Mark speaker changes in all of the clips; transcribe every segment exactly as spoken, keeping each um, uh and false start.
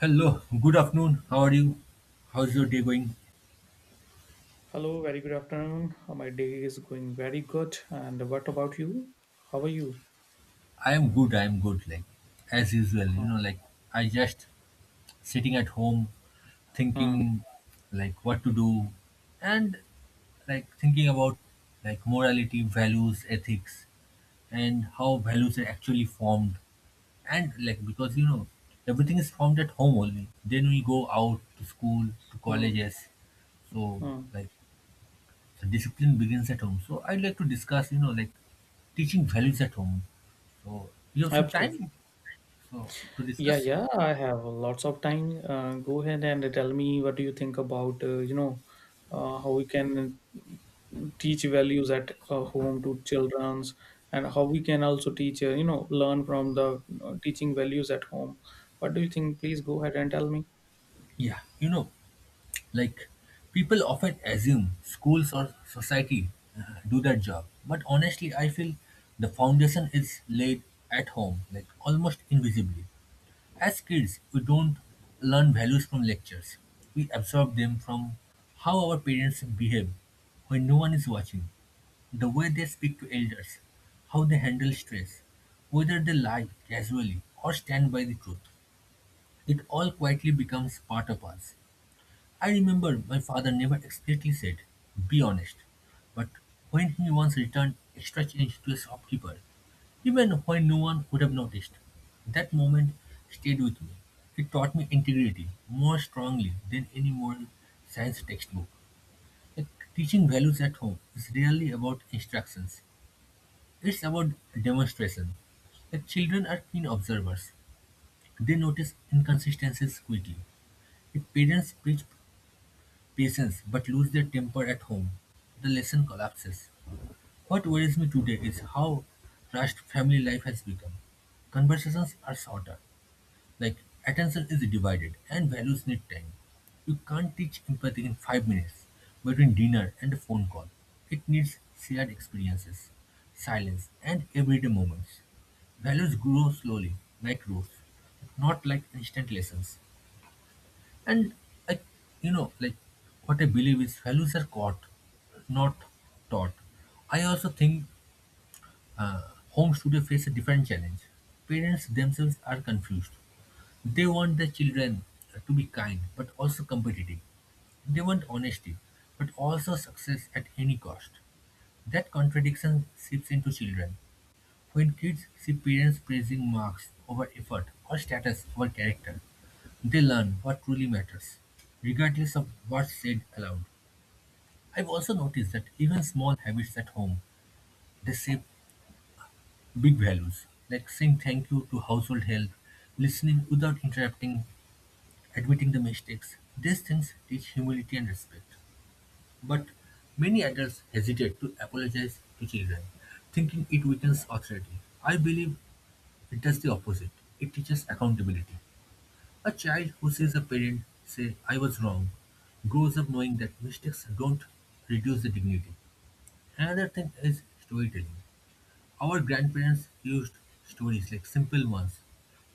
Speaker 1: Hello, good afternoon. How are you? How's your day going?
Speaker 2: Hello, very good afternoon. Uh, My day is going very good. And what about you? How are you?
Speaker 1: I am good. I am good. Like as usual, you
Speaker 2: Huh,
Speaker 1: know, like I just sitting at home
Speaker 2: huh,
Speaker 1: thinking like what to do and like thinking about like morality, values, ethics and how values are actually formed and like because you know everything is formed at home only. Then we go out to school, to
Speaker 2: huh,
Speaker 1: colleges, so
Speaker 2: huh.
Speaker 1: like the discipline begins at home so I'd like to discuss you know like teaching values at home. So you have some
Speaker 2: Absolutely.
Speaker 1: time so to
Speaker 2: Yeah,
Speaker 1: discuss?
Speaker 2: yeah, I have lots of time. Uh, go ahead and tell me what do you think about, uh, you know, uh, how we can teach values at uh, home to childrens, and how we can also teach, uh, you know, learn from the uh, teaching values at home. What do you think? Please go ahead and tell me.
Speaker 1: Yeah, you know, like people often assume schools or society uh, do that job, but honestly, I feel the foundation is laid at home, like almost invisibly. As kids, we don't learn values from lectures. We absorb them from how our parents behave when no one is watching, the way they speak to elders, how they handle stress, whether they lie casually or stand by the truth. It all quietly becomes part of us. I remember my father never explicitly said, be honest, but when he once returned extra change to a shopkeeper, even when no one would have noticed, that moment stayed with me. It taught me integrity more strongly than any moral science textbook. Like, teaching values at home is rarely about instructions, it's about demonstration. Like, children are keen observers, they notice inconsistencies quickly. If parents preach patience but lose their temper at home, the lesson collapses. What worries me today is how rushed family life has become. Conversations are shorter, like attention is divided, and values need time. You can't teach empathy in five minutes between dinner and a phone call. It needs shared experiences, silence, and everyday moments. Values grow slowly, like roots, not like instant lessons. And I, you know, like what I believe is values are caught, not taught. I also think uh, home studio face a different challenge. Parents themselves are confused. They want their children uh, to be kind but also competitive. They want honesty but also success at any cost. That contradiction seeps into children. When kids see parents praising marks over effort or status over character, they learn what truly matters, regardless of what's said aloud. I've also noticed that even small habits at home, they shape big values, like saying thank you to household help, listening without interrupting, admitting the mistakes. These things teach humility and respect. But many adults hesitate to apologize to children, thinking it weakens authority. I believe it does the opposite. It teaches accountability. A child who sees a parent say, I was wrong, grows up knowing that mistakes don't reduce the dignity. Another thing is storytelling. Our grandparents used stories like simple ones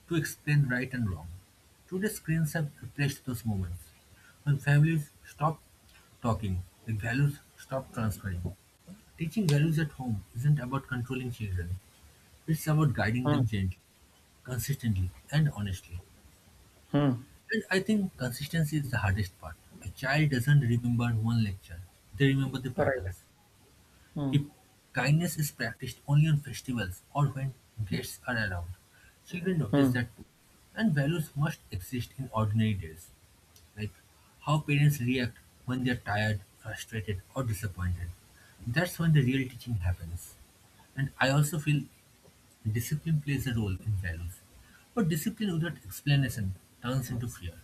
Speaker 1: to explain right and wrong. Today, screens have replaced those moments. When families stop talking, the values stop transferring. Teaching values at home isn't about controlling children, it's about guiding
Speaker 2: Hmm.
Speaker 1: them gently, consistently, and honestly.
Speaker 2: Hmm.
Speaker 1: And I think consistency is the hardest part. A child doesn't remember one lecture, they remember the
Speaker 2: All right.
Speaker 1: patterns.
Speaker 2: Hmm.
Speaker 1: If kindness is practiced only on festivals or when guests are around, children notice
Speaker 2: Hmm.
Speaker 1: that too. And values must exist in ordinary days, like how parents react when they are tired, frustrated, or disappointed. That's when the real teaching happens. And I also feel discipline plays a role in values. But discipline without explanation turns into fear.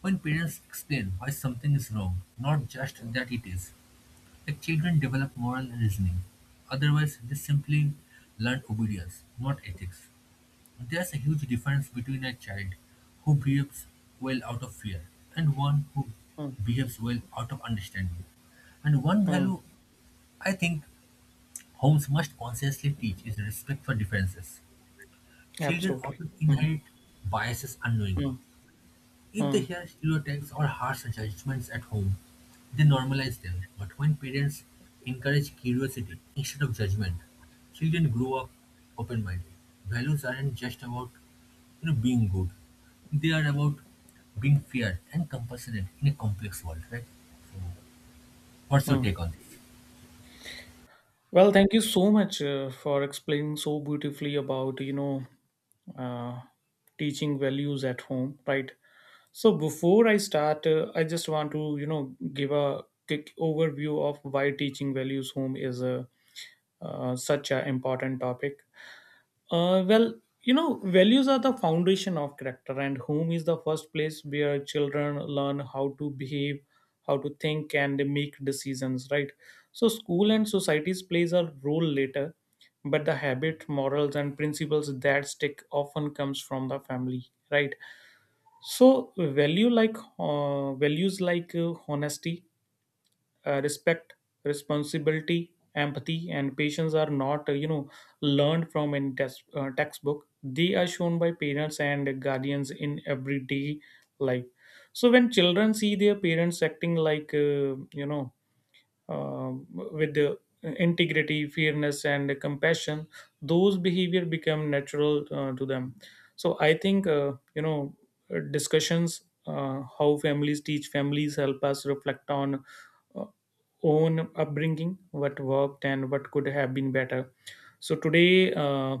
Speaker 1: When parents explain why something is wrong, not just that it is, the children develop moral reasoning. Otherwise, they simply learn obedience, not ethics. There's a huge difference between a child who behaves well out of fear and one who
Speaker 2: Hmm.
Speaker 1: behaves well out of understanding. And one
Speaker 2: Hmm.
Speaker 1: value I think homes must consciously teach is respect for differences. Children
Speaker 2: Absolutely.
Speaker 1: often
Speaker 2: Mm,
Speaker 1: inherit biases unknowingly.
Speaker 2: mm,
Speaker 1: If they
Speaker 2: mm,
Speaker 1: hear stereotypes or harsh judgments at home, they normalize them. But when parents encourage curiosity instead of judgment, children grow up open-minded. Values aren't just about you know being good; they are about being fair and compassionate in a complex world, right? So, what's your
Speaker 2: mm.
Speaker 1: take on this?
Speaker 2: Well, thank you so much uh, for explaining so beautifully about, you know, uh, teaching values at home, right? So before I start, uh, I just want to, you know, give a quick overview of why teaching values home is a, uh, such an important topic. Uh, well, you know, values are the foundation of character, and home is the first place where children learn how to behave, how to think, and make decisions. Right. So, school and societies plays a role later, but the habit, morals, and principles that stick often comes from the family. Right. So, value like uh, values like uh, honesty, uh, respect, responsibility, empathy, and patience are not uh, you know, learned from in test, uh, textbook. They are shown by parents and guardians in everyday life. So when children see their parents acting like uh, you know, um, with the integrity, fairness, and compassion, those behavior become natural uh, to them. So I think uh, you know, uh, discussions uh, how families teach families help us reflect on uh, own upbringing, what worked and what could have been better. So today. Uh,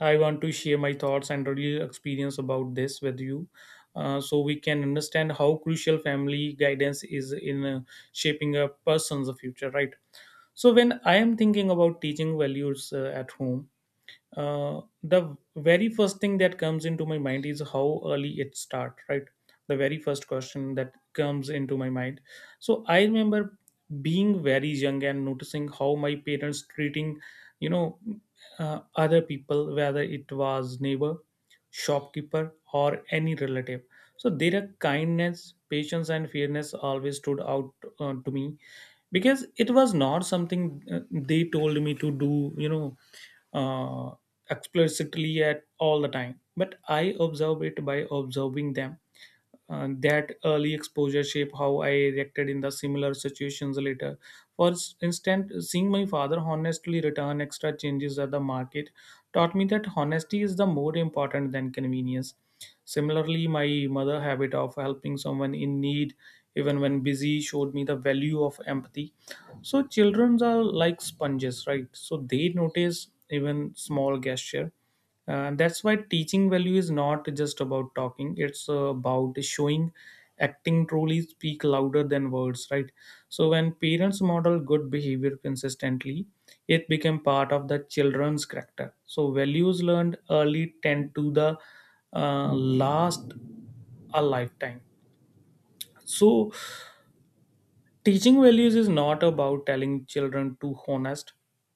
Speaker 2: I want to share my thoughts and real experience about this with you, uh, so we can understand how crucial family guidance is in uh, shaping a person's future, right? So, when I am thinking about teaching values uh, at home, uh, the very first thing that comes into my mind is how early it start, right? The very first question that comes into my mind, so I remember being very young and noticing how my parents treating, you know, uh, other people, whether it was neighbor, shopkeeper, or any relative. So their kindness, patience, and fairness always stood out uh, to me, because it was not something uh, they told me to do, you know, uh, explicitly at all the time, but I observe it by observing them. Uh, that early exposure shape how I reacted in the similar situations later. For s- instance, seeing my father honestly return extra changes at the market taught me that honesty is the more important than convenience. Similarly, my mother habit of helping someone in need, even when busy, showed me the value of empathy. So children are like sponges, right? So they notice even small gesture. And that's why teaching value is not just about talking, it's about showing. Acting truly speak louder than words, right? So when parents model good behavior consistently, it became part of the children's character. So values learned early tend to the uh, last a lifetime. So teaching values is not about telling children to honest,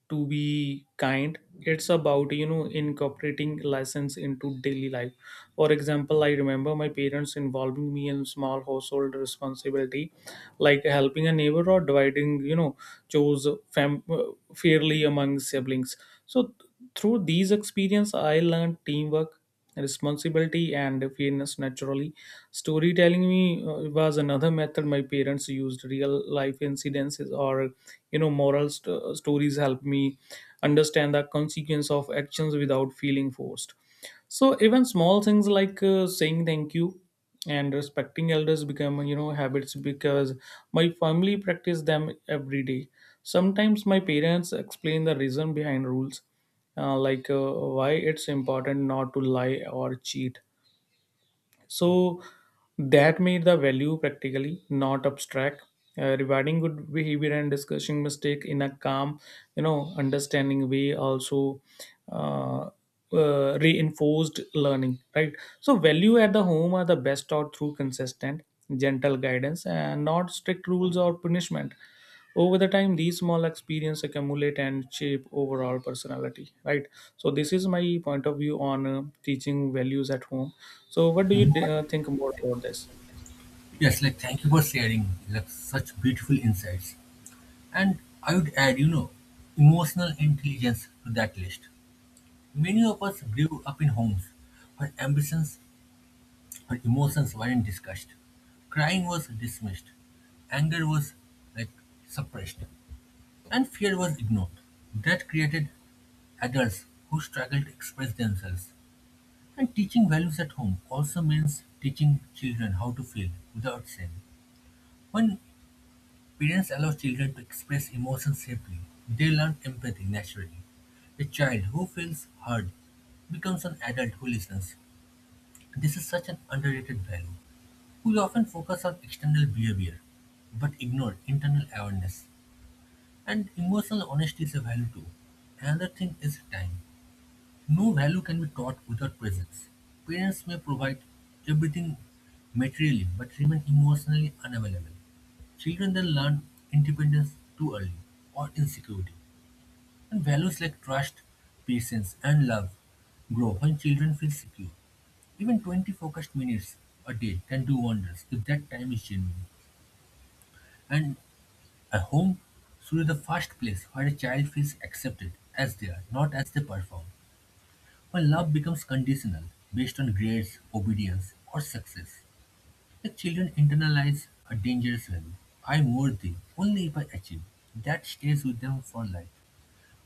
Speaker 2: to be kind. It's about, you know, incorporating lessons into daily life. For example, I remember my parents involving me in small household responsibility, like helping a neighbor or dividing, you know, chores fam- uh, fairly among siblings. So th- through these experience I learned teamwork, responsibility, and fairness naturally. Storytelling me uh, was another method my parents used. Real life incidences or, you know, moral st- stories helped me understand the consequence of actions without feeling forced. So even small things like uh, saying thank you and respecting elders become, you know, habits because my family practice them every day. Sometimes my parents explain the reason behind rules, uh, like uh, why it's important not to lie or cheat. So that made the value practically not abstract. Uh, rewarding good behavior and discussing mistake in a calm, you know, understanding way also uh, uh, reinforced learning, right? So value at the home are the best taught through consistent, gentle guidance and not strict rules or punishment. Over the time, these small experience accumulate and shape overall personality, right? So this is my point of view on uh, teaching values at home. So what do you uh, think more about this?
Speaker 1: Yes, like thank you for sharing like such beautiful insights. And I would add, you know, emotional intelligence to that list. Many of us grew up in homes where ambitions or emotions weren't discussed. Crying was dismissed, anger was like suppressed, and fear was ignored. That created adults who struggled to express themselves. And teaching values at home also means teaching children how to feel without shame. When parents allow children to express emotions safely, they learn empathy naturally. A child who feels heard becomes an adult who listens. This is such an underrated value. We often focus on external behavior, but ignore internal awareness. And emotional honesty is a value too. Another thing is time. No value can be taught without presence. Parents may provide everything materially, but remain emotionally unavailable. Children then learn independence too early or insecurity. And values like trust, patience, and love grow when children feel secure. Even twenty focused minutes a day can do wonders if that time is genuine. And a home should be the first place where a child feels accepted as they are, not as they perform. When love becomes conditional based on grades, obedience, or success, the children internalize a dangerous value. I'm worthy only if I achieve. That stays with them for life.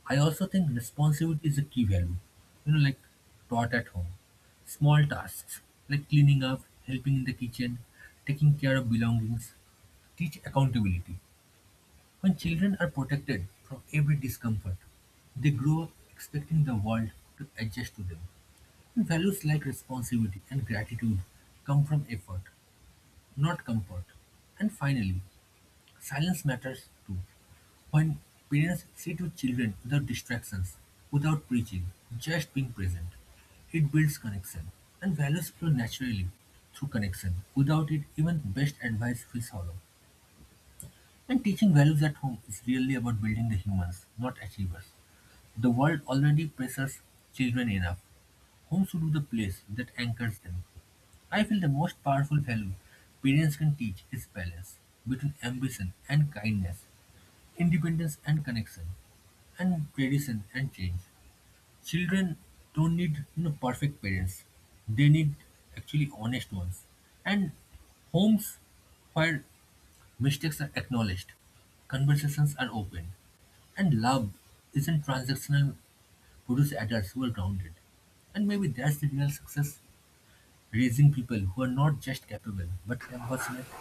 Speaker 1: I also think responsibility is a key value, you know, like taught at home. Small tasks like cleaning up, helping in the kitchen, taking care of belongings teach accountability. When children are protected from every discomfort, they grow up expecting the world to adjust to them. And values like responsibility and gratitude come from effort, not comfort. And finally, silence matters too. When parents sit with children without distractions, without preaching, just being present, it builds connection. And values flow naturally through connection. Without it, even best advice feels hollow. And teaching values at home is really about building the humans, not achievers. The world already pressures children enough. Home should be the place that anchors them. I feel the most powerful value parents can teach is balance between ambition and kindness, independence and connection, and tradition and change. Children don't need you know perfect parents, they need actually honest ones, and homes where mistakes are acknowledged, conversations are open, and love isn't transactional produce adults who are grounded. And maybe that's the real success, raising people who are not just capable but compassionate.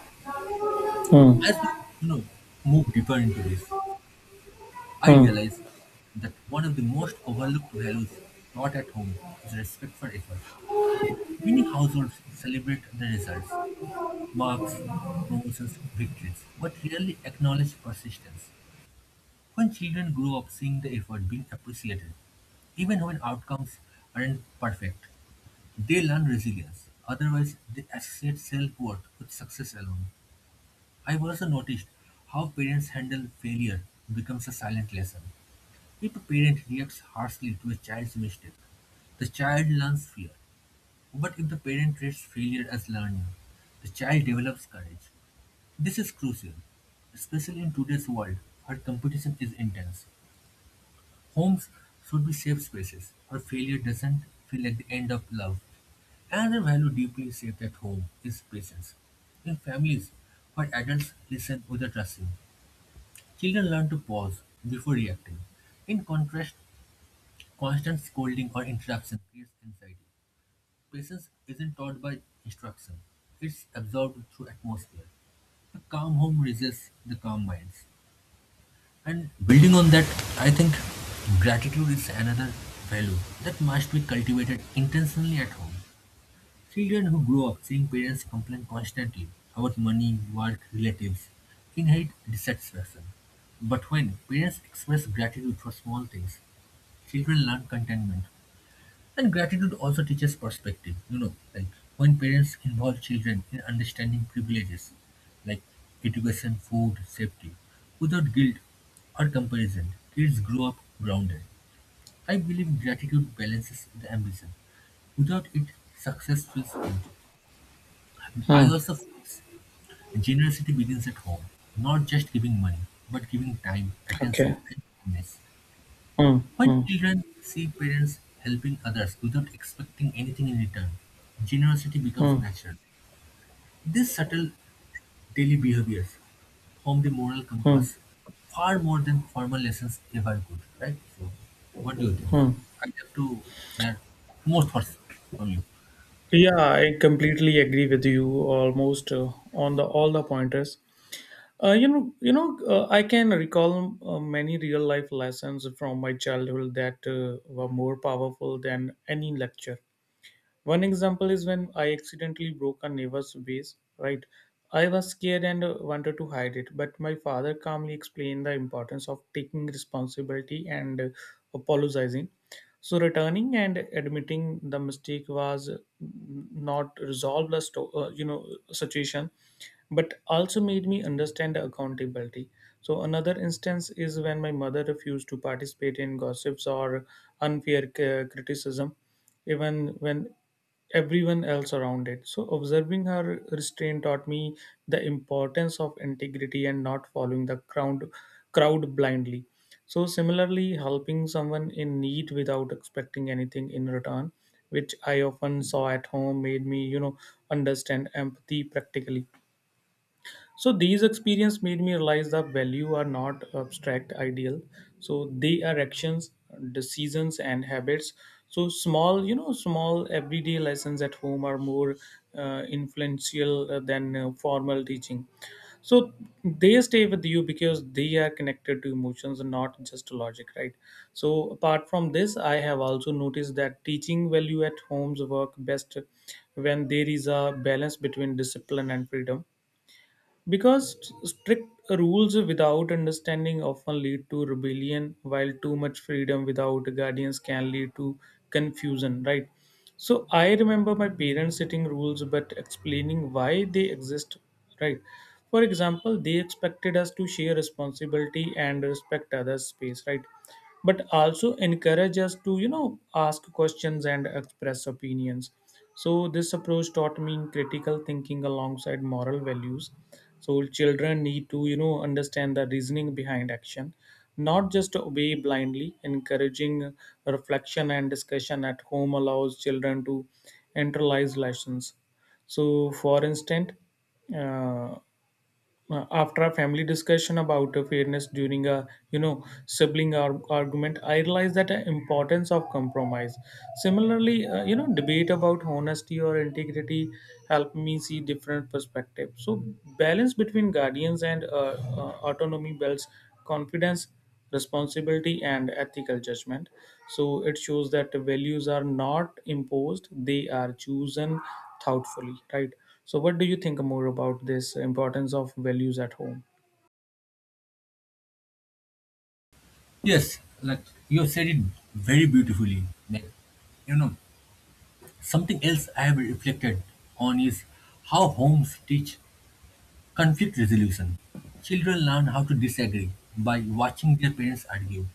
Speaker 2: hmm.
Speaker 1: As we you know move deeper into this, I
Speaker 2: Hmm.
Speaker 1: realize that one of the most overlooked values taught at home is respect for effort. Many households celebrate the results, marks, promotions, victories, but rarely acknowledge persistence. When children grow up seeing the effort being appreciated, even when outcomes aren't perfect, they learn resilience. Otherwise, they associate self worth with success alone. I've also noticed how parents handle failure becomes a silent lesson. If a parent reacts harshly to a child's mistake, the child learns fear. But if the parent treats failure as learning, the child develops courage. This is crucial, especially in today's world where competition is intense. Homes should be safe spaces where failure doesn't feel like the end of love. Another value deeply shaped at home is patience. In families where adults listen without rushing, children learn to pause before reacting. In contrast, constant scolding or interruption creates anxiety. Patience isn't taught by instruction, it's absorbed through atmosphere. A calm home raises the calm minds. And building on that, I think gratitude is another value that must be cultivated intentionally at home. Children who grow up seeing parents complain constantly about money, work, relatives inherit dissatisfaction. But when parents express gratitude for small things, children learn contentment. And gratitude also teaches perspective, you know, like when parents involve children in understanding privileges like education, food, safety, without guilt or comparison, kids grow up grounded. I believe gratitude balances the ambition. Without it, success feels empty. And I
Speaker 2: Hmm.
Speaker 1: also feel generosity begins at home, not just giving money, but giving time, attention,
Speaker 2: Okay.
Speaker 1: and kindness.
Speaker 2: Hmm.
Speaker 1: When
Speaker 2: Hmm.
Speaker 1: children see parents helping others without expecting anything in return, generosity becomes
Speaker 2: Hmm.
Speaker 1: natural. These subtle daily behaviors form the moral
Speaker 2: Hmm.
Speaker 1: compass far more than formal lessons ever could, right? So, what do you think?
Speaker 2: Hmm.
Speaker 1: I'd love to hear more thoughts from you.
Speaker 2: Yeah, I completely agree with you almost uh, on the all the pointers. Uh, you know, you know, uh, I can recall uh, many real life lessons from my childhood that uh, were more powerful than any lecture. One example is when I accidentally broke a neighbor's vase. Right, I was scared and uh, wanted to hide it, but my father calmly explained the importance of taking responsibility and uh, apologizing. So returning and admitting the mistake was, mm, not resolve the sto- uh, you know, situation, but also made me understand the accountability. So, another instance is when my mother refused to participate in gossips or unfair c- criticism, even when everyone else around it. So, observing her restraint taught me the importance of integrity and not following the crowd, crowd blindly. So, similarly, helping someone in need without expecting anything in return, which I often saw at home, made me, you know, understand empathy practically. So these experience made me realize that value are not abstract ideal, so they are actions, decisions, and habits. So small you know small everyday lessons at home are more uh, influential uh, than uh, formal teaching. So they stay with you because they are connected to emotions and not just logic, right? So apart from this, I have also noticed that teaching value at homes work best when there is a balance between discipline and freedom, because st- strict rules without understanding often lead to rebellion, while too much freedom without guardians can lead to confusion, right? So I remember my parents setting rules but explaining why they exist, right? For example, they expected us to share responsibility and respect others' space, right? But also encourage us to, you know, ask questions and express opinions. So this approach taught me critical thinking alongside moral values. So children need to, you know, understand the reasoning behind action, not just obey blindly. Encouraging reflection and discussion at home allows children to internalize lessons. So, for instance, uh, uh, after a family discussion about uh, fairness during a, you know, sibling ar- argument, I realized that the importance of compromise. Similarly, uh, you know, debate about honesty or integrity helped me see different perspectives. So balance between guardians and uh, uh, autonomy builds confidence, responsibility, and ethical judgment. So it shows that values are not imposed, they are chosen thoughtfully, right? So what do you think more about this importance of values at home?
Speaker 1: Yes, like you have said it very beautifully. Like, you know, something else I have reflected on is how homes teach conflict resolution. Children learn how to disagree by watching their parents argue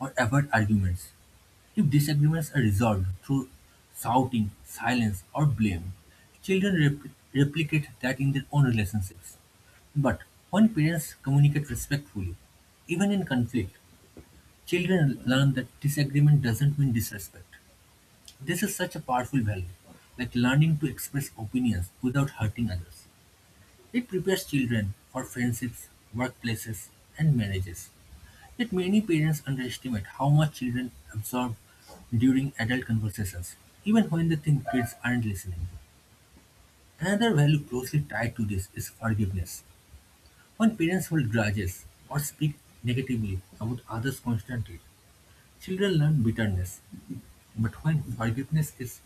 Speaker 1: or avoid arguments. If disagreements are resolved through shouting, silence, or blame, children rep- replicate that in their own relationships. But when parents communicate respectfully, even in conflict, children learn that disagreement doesn't mean disrespect. This is such a powerful value, like learning to express opinions without hurting others. It prepares children for friendships, workplaces, and marriages. Yet many parents underestimate how much children absorb during adult conversations, even when they think kids aren't listening. Another value closely tied to this is forgiveness. When parents hold grudges or speak negatively about others constantly, children learn bitterness. But when forgiveness is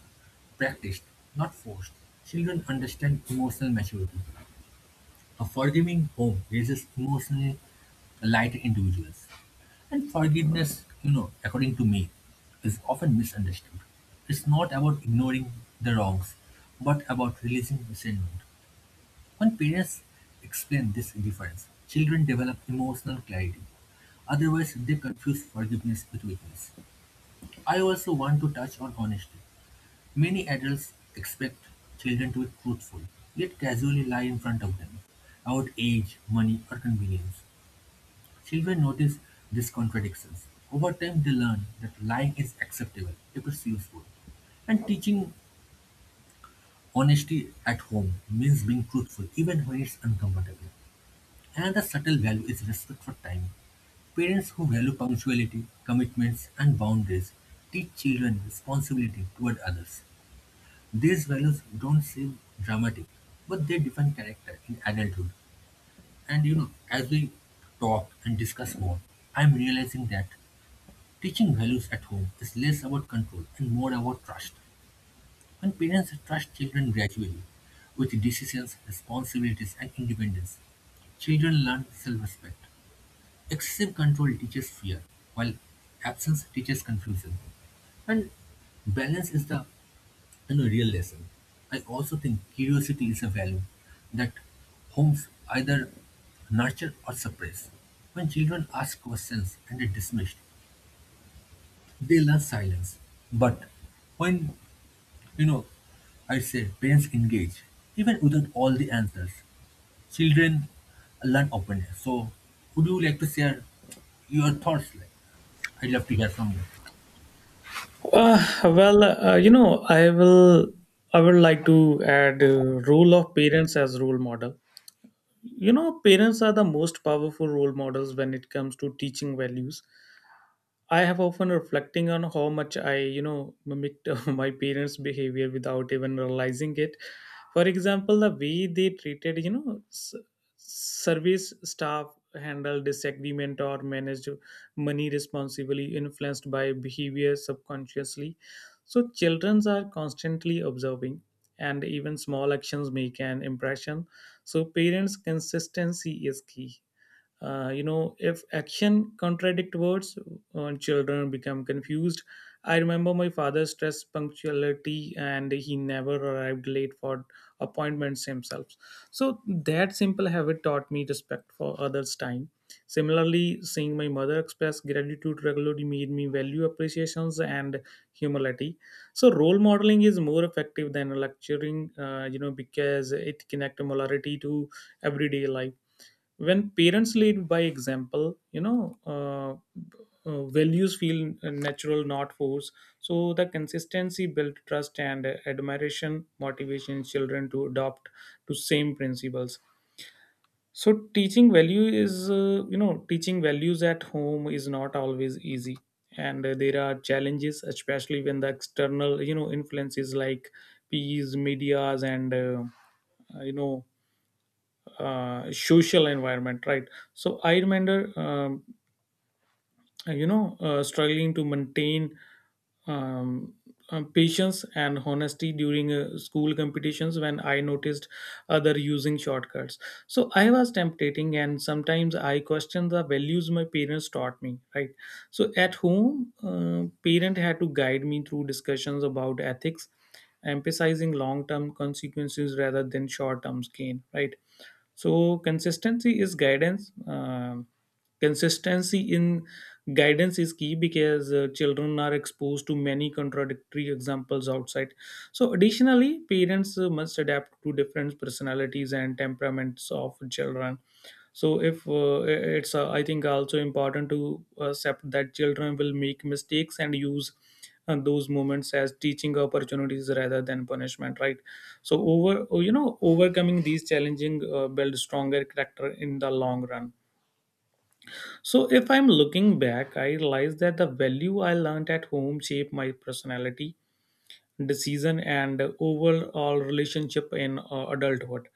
Speaker 1: practiced, not forced, children understand emotional maturity. A forgiving home raises emotionally lighter individuals. And forgiveness, you know, according to me, is often misunderstood. It's not about ignoring the wrongs, but about releasing resentment. When parents explain this difference, children develop emotional clarity. Otherwise, they confuse forgiveness with weakness. I also want to touch on honesty. Many adults expect children to be truthful, yet casually lie in front of them about age, money, or convenience. Children notice these contradictions. Over time, they learn that lying is acceptable if it's useful. And teaching honesty at home means being truthful even when it's uncomfortable. Another subtle value is respect for time. Parents who value punctuality, commitments, and boundaries teach children responsibility toward others. These values don't seem dramatic, but they define character in adulthood. And you know, as we talk and discuss more, I'm realizing that teaching values at home is less about control and more about trust. When parents trust children gradually with decisions, responsibilities, and independence, children learn self respect. Excessive control teaches fear, while absence teaches confusion. Balance is the In a real lesson, I also think curiosity is a value that homes either nurture or suppress. When children ask questions and are dismissed, they learn silence. But when, you know, I say parents engage, even without all the answers, children learn openness. So, would you like to share your thoughts? Like, I'd love to hear from you.
Speaker 2: Uh, well, uh, you know, I will. I would like to add uh, role of parents as role model. You know, parents are the most powerful role models when it comes to teaching values. I have often reflecting on how much I, you know, mimicked my parents' behavior without even realizing it. For example, the way they treated, you know, s- service staff, handled disagreement, or managed money responsibly, influenced by behavior subconsciously. So children are constantly observing, and even small actions make an impression. So parents' consistency is key. Uh, you know, if action contradict words, uh, children become confused. I remember my father stressed punctuality and he never arrived late for appointments himself. So that simple habit taught me respect for others time. Similarly, seeing my mother express gratitude regularly made me value appreciations and humility. So role modeling is more effective than lecturing, uh, you know, because it connects morality to everyday life. When parents lead by example, you know, uh, uh, values feel natural, not forced. So the consistency build trust and admiration motivation children to adopt to same principles. So teaching value is uh, you know teaching values at home is not always easy, and uh, there are challenges, especially when the external, you know, influences like peers, medias, and uh, you know, uh, social environment, right? So I remember, um, you know, uh, struggling to maintain um, um, patience and honesty during uh, school competitions when I noticed other using shortcuts. So I was temptating, and sometimes I questioned the values my parents taught me, right? So at home, uh, parent had to guide me through discussions about ethics, emphasizing long-term consequences rather than short-term gain, right? So consistency is guidance Um consistency in guidance is key because uh, children are exposed to many contradictory examples outside. So additionally, parents uh, must adapt to different personalities and temperaments of children. So if uh, it's uh, I think also important to accept that children will make mistakes and use uh, those moments as teaching opportunities rather than punishment, right? So over you know overcoming these challenging uh, build stronger character in the long run. So if I'm looking back, I realize that the value I learned at home shaped my personality, decision, and overall relationship in uh, adulthood.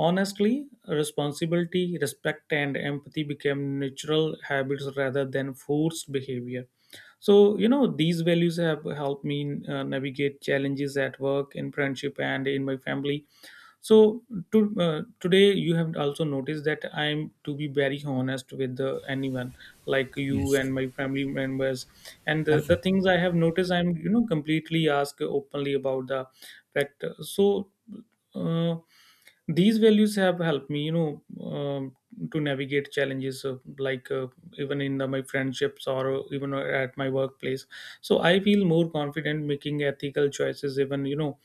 Speaker 2: Honestly, responsibility, respect, and empathy became natural habits rather than forced behavior. So, you know, these values have helped me uh, navigate challenges at work, in friendship, and in my family. So to, uh, today you have also noticed that I'm to be very honest with uh, anyone like you
Speaker 1: Yes,
Speaker 2: and my family members, and the, the
Speaker 1: absolutely.
Speaker 2: things I have noticed I'm, you know, completely ask openly about the fact. So uh, these values have helped me, you know, um, to navigate challenges uh, like uh, even in the, my friendships or uh, even at my workplace. So I feel more confident making ethical choices, even, you know,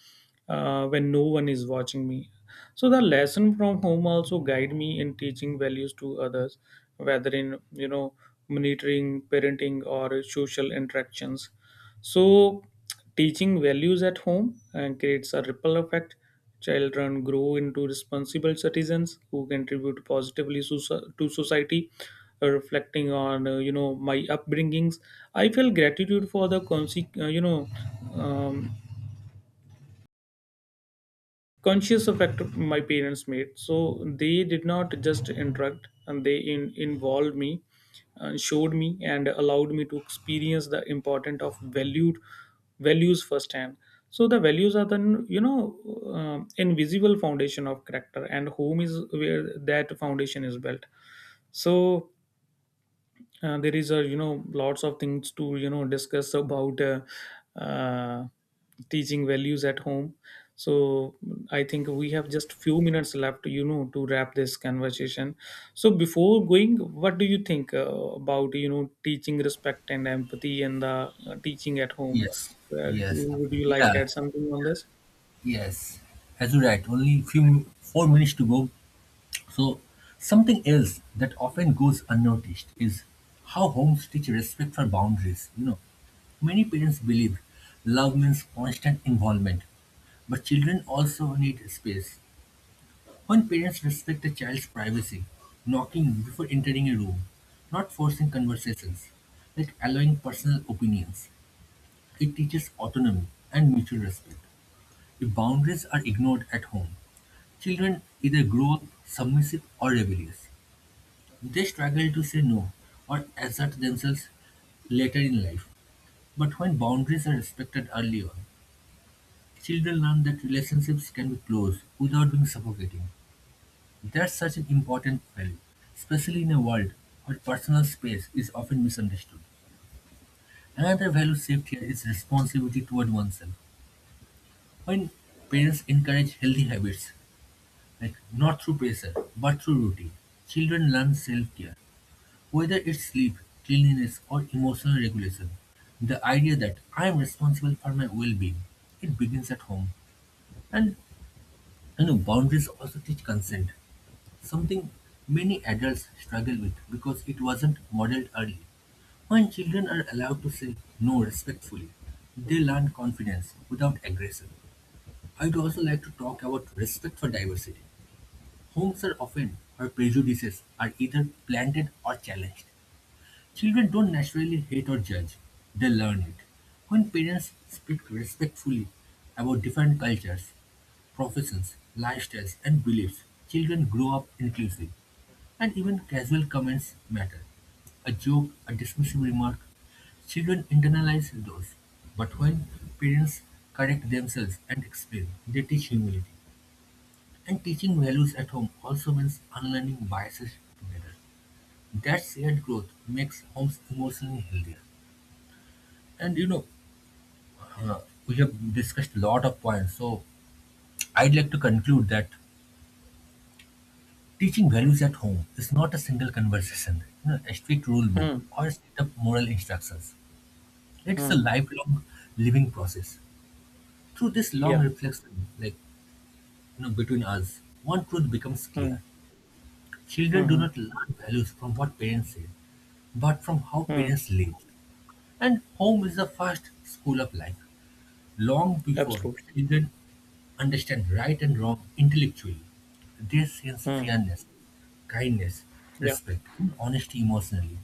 Speaker 2: uh, when no one is watching me. So the lesson from home also guide me in teaching values to others, whether in, you know, monitoring, parenting, or social interactions. So teaching values at home and creates a ripple effect. Children grow into responsible citizens who contribute positively soci- to society. Uh, Reflecting on, uh, you know, my upbringings, I feel gratitude for the conse- uh, you know, um, conscious of act my parents made. So they did not just interact, and they in, involved me, uh, showed me, and allowed me to experience the importance of valued values firsthand. So the values are the, you know, um invisible foundation of character, and home is where that foundation is built. So uh, there is a, you know, lots of things to, you know, discuss about uh, uh, teaching values at home. So I think we have just few minutes left, you know, to wrap this conversation. So before going, what do you think uh, about, you know, teaching respect and empathy and the uh, teaching at home?
Speaker 1: Yes,
Speaker 2: Well, do,
Speaker 1: yes,
Speaker 2: would you
Speaker 1: absolutely,
Speaker 2: like
Speaker 1: yeah.
Speaker 2: add something on this?
Speaker 1: Yes, as you right, only few four minutes to go. So something else that often goes unnoticed is how homes teach respect for boundaries. You know, many parents believe love means constant involvement, but children also need space. When parents respect a child's privacy, knocking before entering a room, not forcing conversations, like allowing personal opinions, it teaches autonomy and mutual respect. If boundaries are ignored at home, children either grow up submissive or rebellious. They struggle to say no or assert themselves later in life. But when boundaries are respected early on, children learn that relationships can be close without being suffocating. That's such an important value, especially in a world where personal space is often misunderstood. Another value shaped here is responsibility toward oneself. When parents encourage healthy habits, like not through pressure but through routine, children learn self care. Whether it's sleep, cleanliness, or emotional regulation, the idea that I am responsible for my well-being, it begins at home. And you know, boundaries also teach consent, something many adults struggle with because it wasn't modeled early. When children are allowed to say no respectfully, they learn confidence without aggression. I'd also like to talk about respect for diversity. Homes are often where prejudices are either planted or challenged. Children don't naturally hate or judge, they learn it. When parents speak respectfully about different cultures, professions, lifestyles, and beliefs, children grow up inclusive, and even casual comments matter. A joke, a dismissive remark, children internalize those. But when parents correct themselves and explain, they teach humility. And teaching values at home also means unlearning biases together. That shared growth makes homes emotionally healthy. And you know, uh, we have discussed a lot of points, so I'd like to conclude that teaching values at home is not a single conversation, you know, a strict rule book,
Speaker 2: hmm,
Speaker 1: or a set of moral instructions. It's a
Speaker 2: hmm,
Speaker 1: lifelong living process. Through this long
Speaker 2: yeah.
Speaker 1: reflection, like you know, between us, one truth becomes
Speaker 2: hmm,
Speaker 1: clear: children
Speaker 2: hmm,
Speaker 1: do
Speaker 2: hmm,
Speaker 1: not learn values from what parents say, but from how
Speaker 2: hmm,
Speaker 1: parents live. And home is the first school of life, long before
Speaker 2: Absolutely.
Speaker 1: children understand right and wrong intellectually. They sense
Speaker 2: hmm,
Speaker 1: fairness, kindness,
Speaker 2: yeah.
Speaker 1: respect, and honesty emotionally.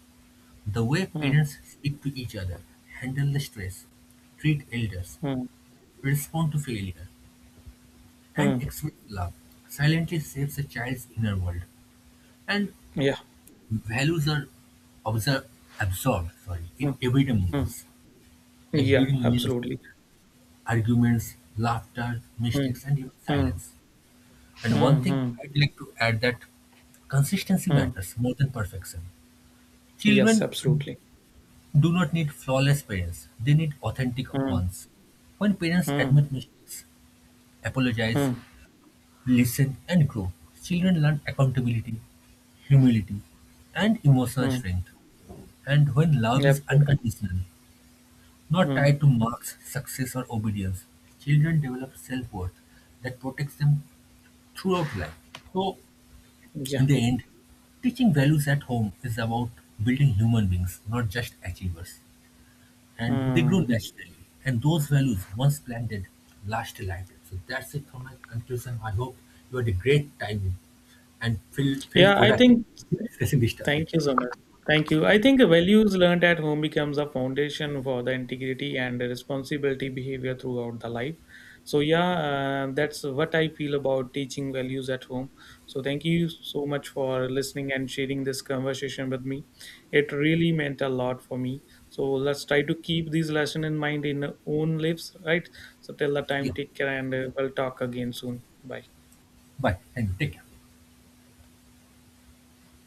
Speaker 1: The way
Speaker 2: hmm,
Speaker 1: parents speak to each other, handle the stress, treat elders,
Speaker 2: hmm,
Speaker 1: respond to failure, and
Speaker 2: hmm,
Speaker 1: express love silently shapes a child's inner world. And
Speaker 2: yeah.
Speaker 1: values are observed, absorbed sorry,
Speaker 2: hmm,
Speaker 1: in everyday
Speaker 2: hmm.
Speaker 1: moments, like
Speaker 2: Yeah,
Speaker 1: during meals,
Speaker 2: absolutely.
Speaker 1: arguments, laughter,
Speaker 2: Mm.
Speaker 1: mistakes, and even
Speaker 2: Mm.
Speaker 1: silence. And one
Speaker 2: Mm.
Speaker 1: thing
Speaker 2: Mm.
Speaker 1: I'd like to add that consistency
Speaker 2: Mm.
Speaker 1: matters more than perfection.
Speaker 2: Yes,
Speaker 1: Children
Speaker 2: absolutely.
Speaker 1: do not need flawless parents, they need authentic
Speaker 2: Mm.
Speaker 1: ones. When parents
Speaker 2: Mm.
Speaker 1: admit mistakes, apologize,
Speaker 2: Mm.
Speaker 1: listen, and grow, children learn accountability, humility, and emotional
Speaker 2: Mm.
Speaker 1: strength. And when love is
Speaker 2: Absolutely.
Speaker 1: unconditional, not
Speaker 2: Mm.
Speaker 1: tied to marks, success, or obedience, children develop self worth that protects them throughout life. So, in
Speaker 2: Yeah.
Speaker 1: the end, teaching values at home is about building human beings, not just achievers. And they grow
Speaker 2: Mm.
Speaker 1: naturally. And those values, once planted, last a lifetime. So that's it for my conclusion. I hope you had a great time and feel, felt
Speaker 2: Yeah, I
Speaker 1: productive
Speaker 2: think.
Speaker 1: discussing this topic.
Speaker 2: Thank you so much. Thank you. I think the values learned at home becomes a foundation for the integrity and the responsibility behavior throughout the life. So yeah, uh, that's what I feel about teaching values at home. So thank you so much for listening and sharing this conversation with me. It really meant a lot for me. So let's try to keep these lesson in mind in our own lives, right? So till the time,
Speaker 1: Yeah.
Speaker 2: take care, and uh, we'll talk again soon. Bye.
Speaker 1: Bye. And take care.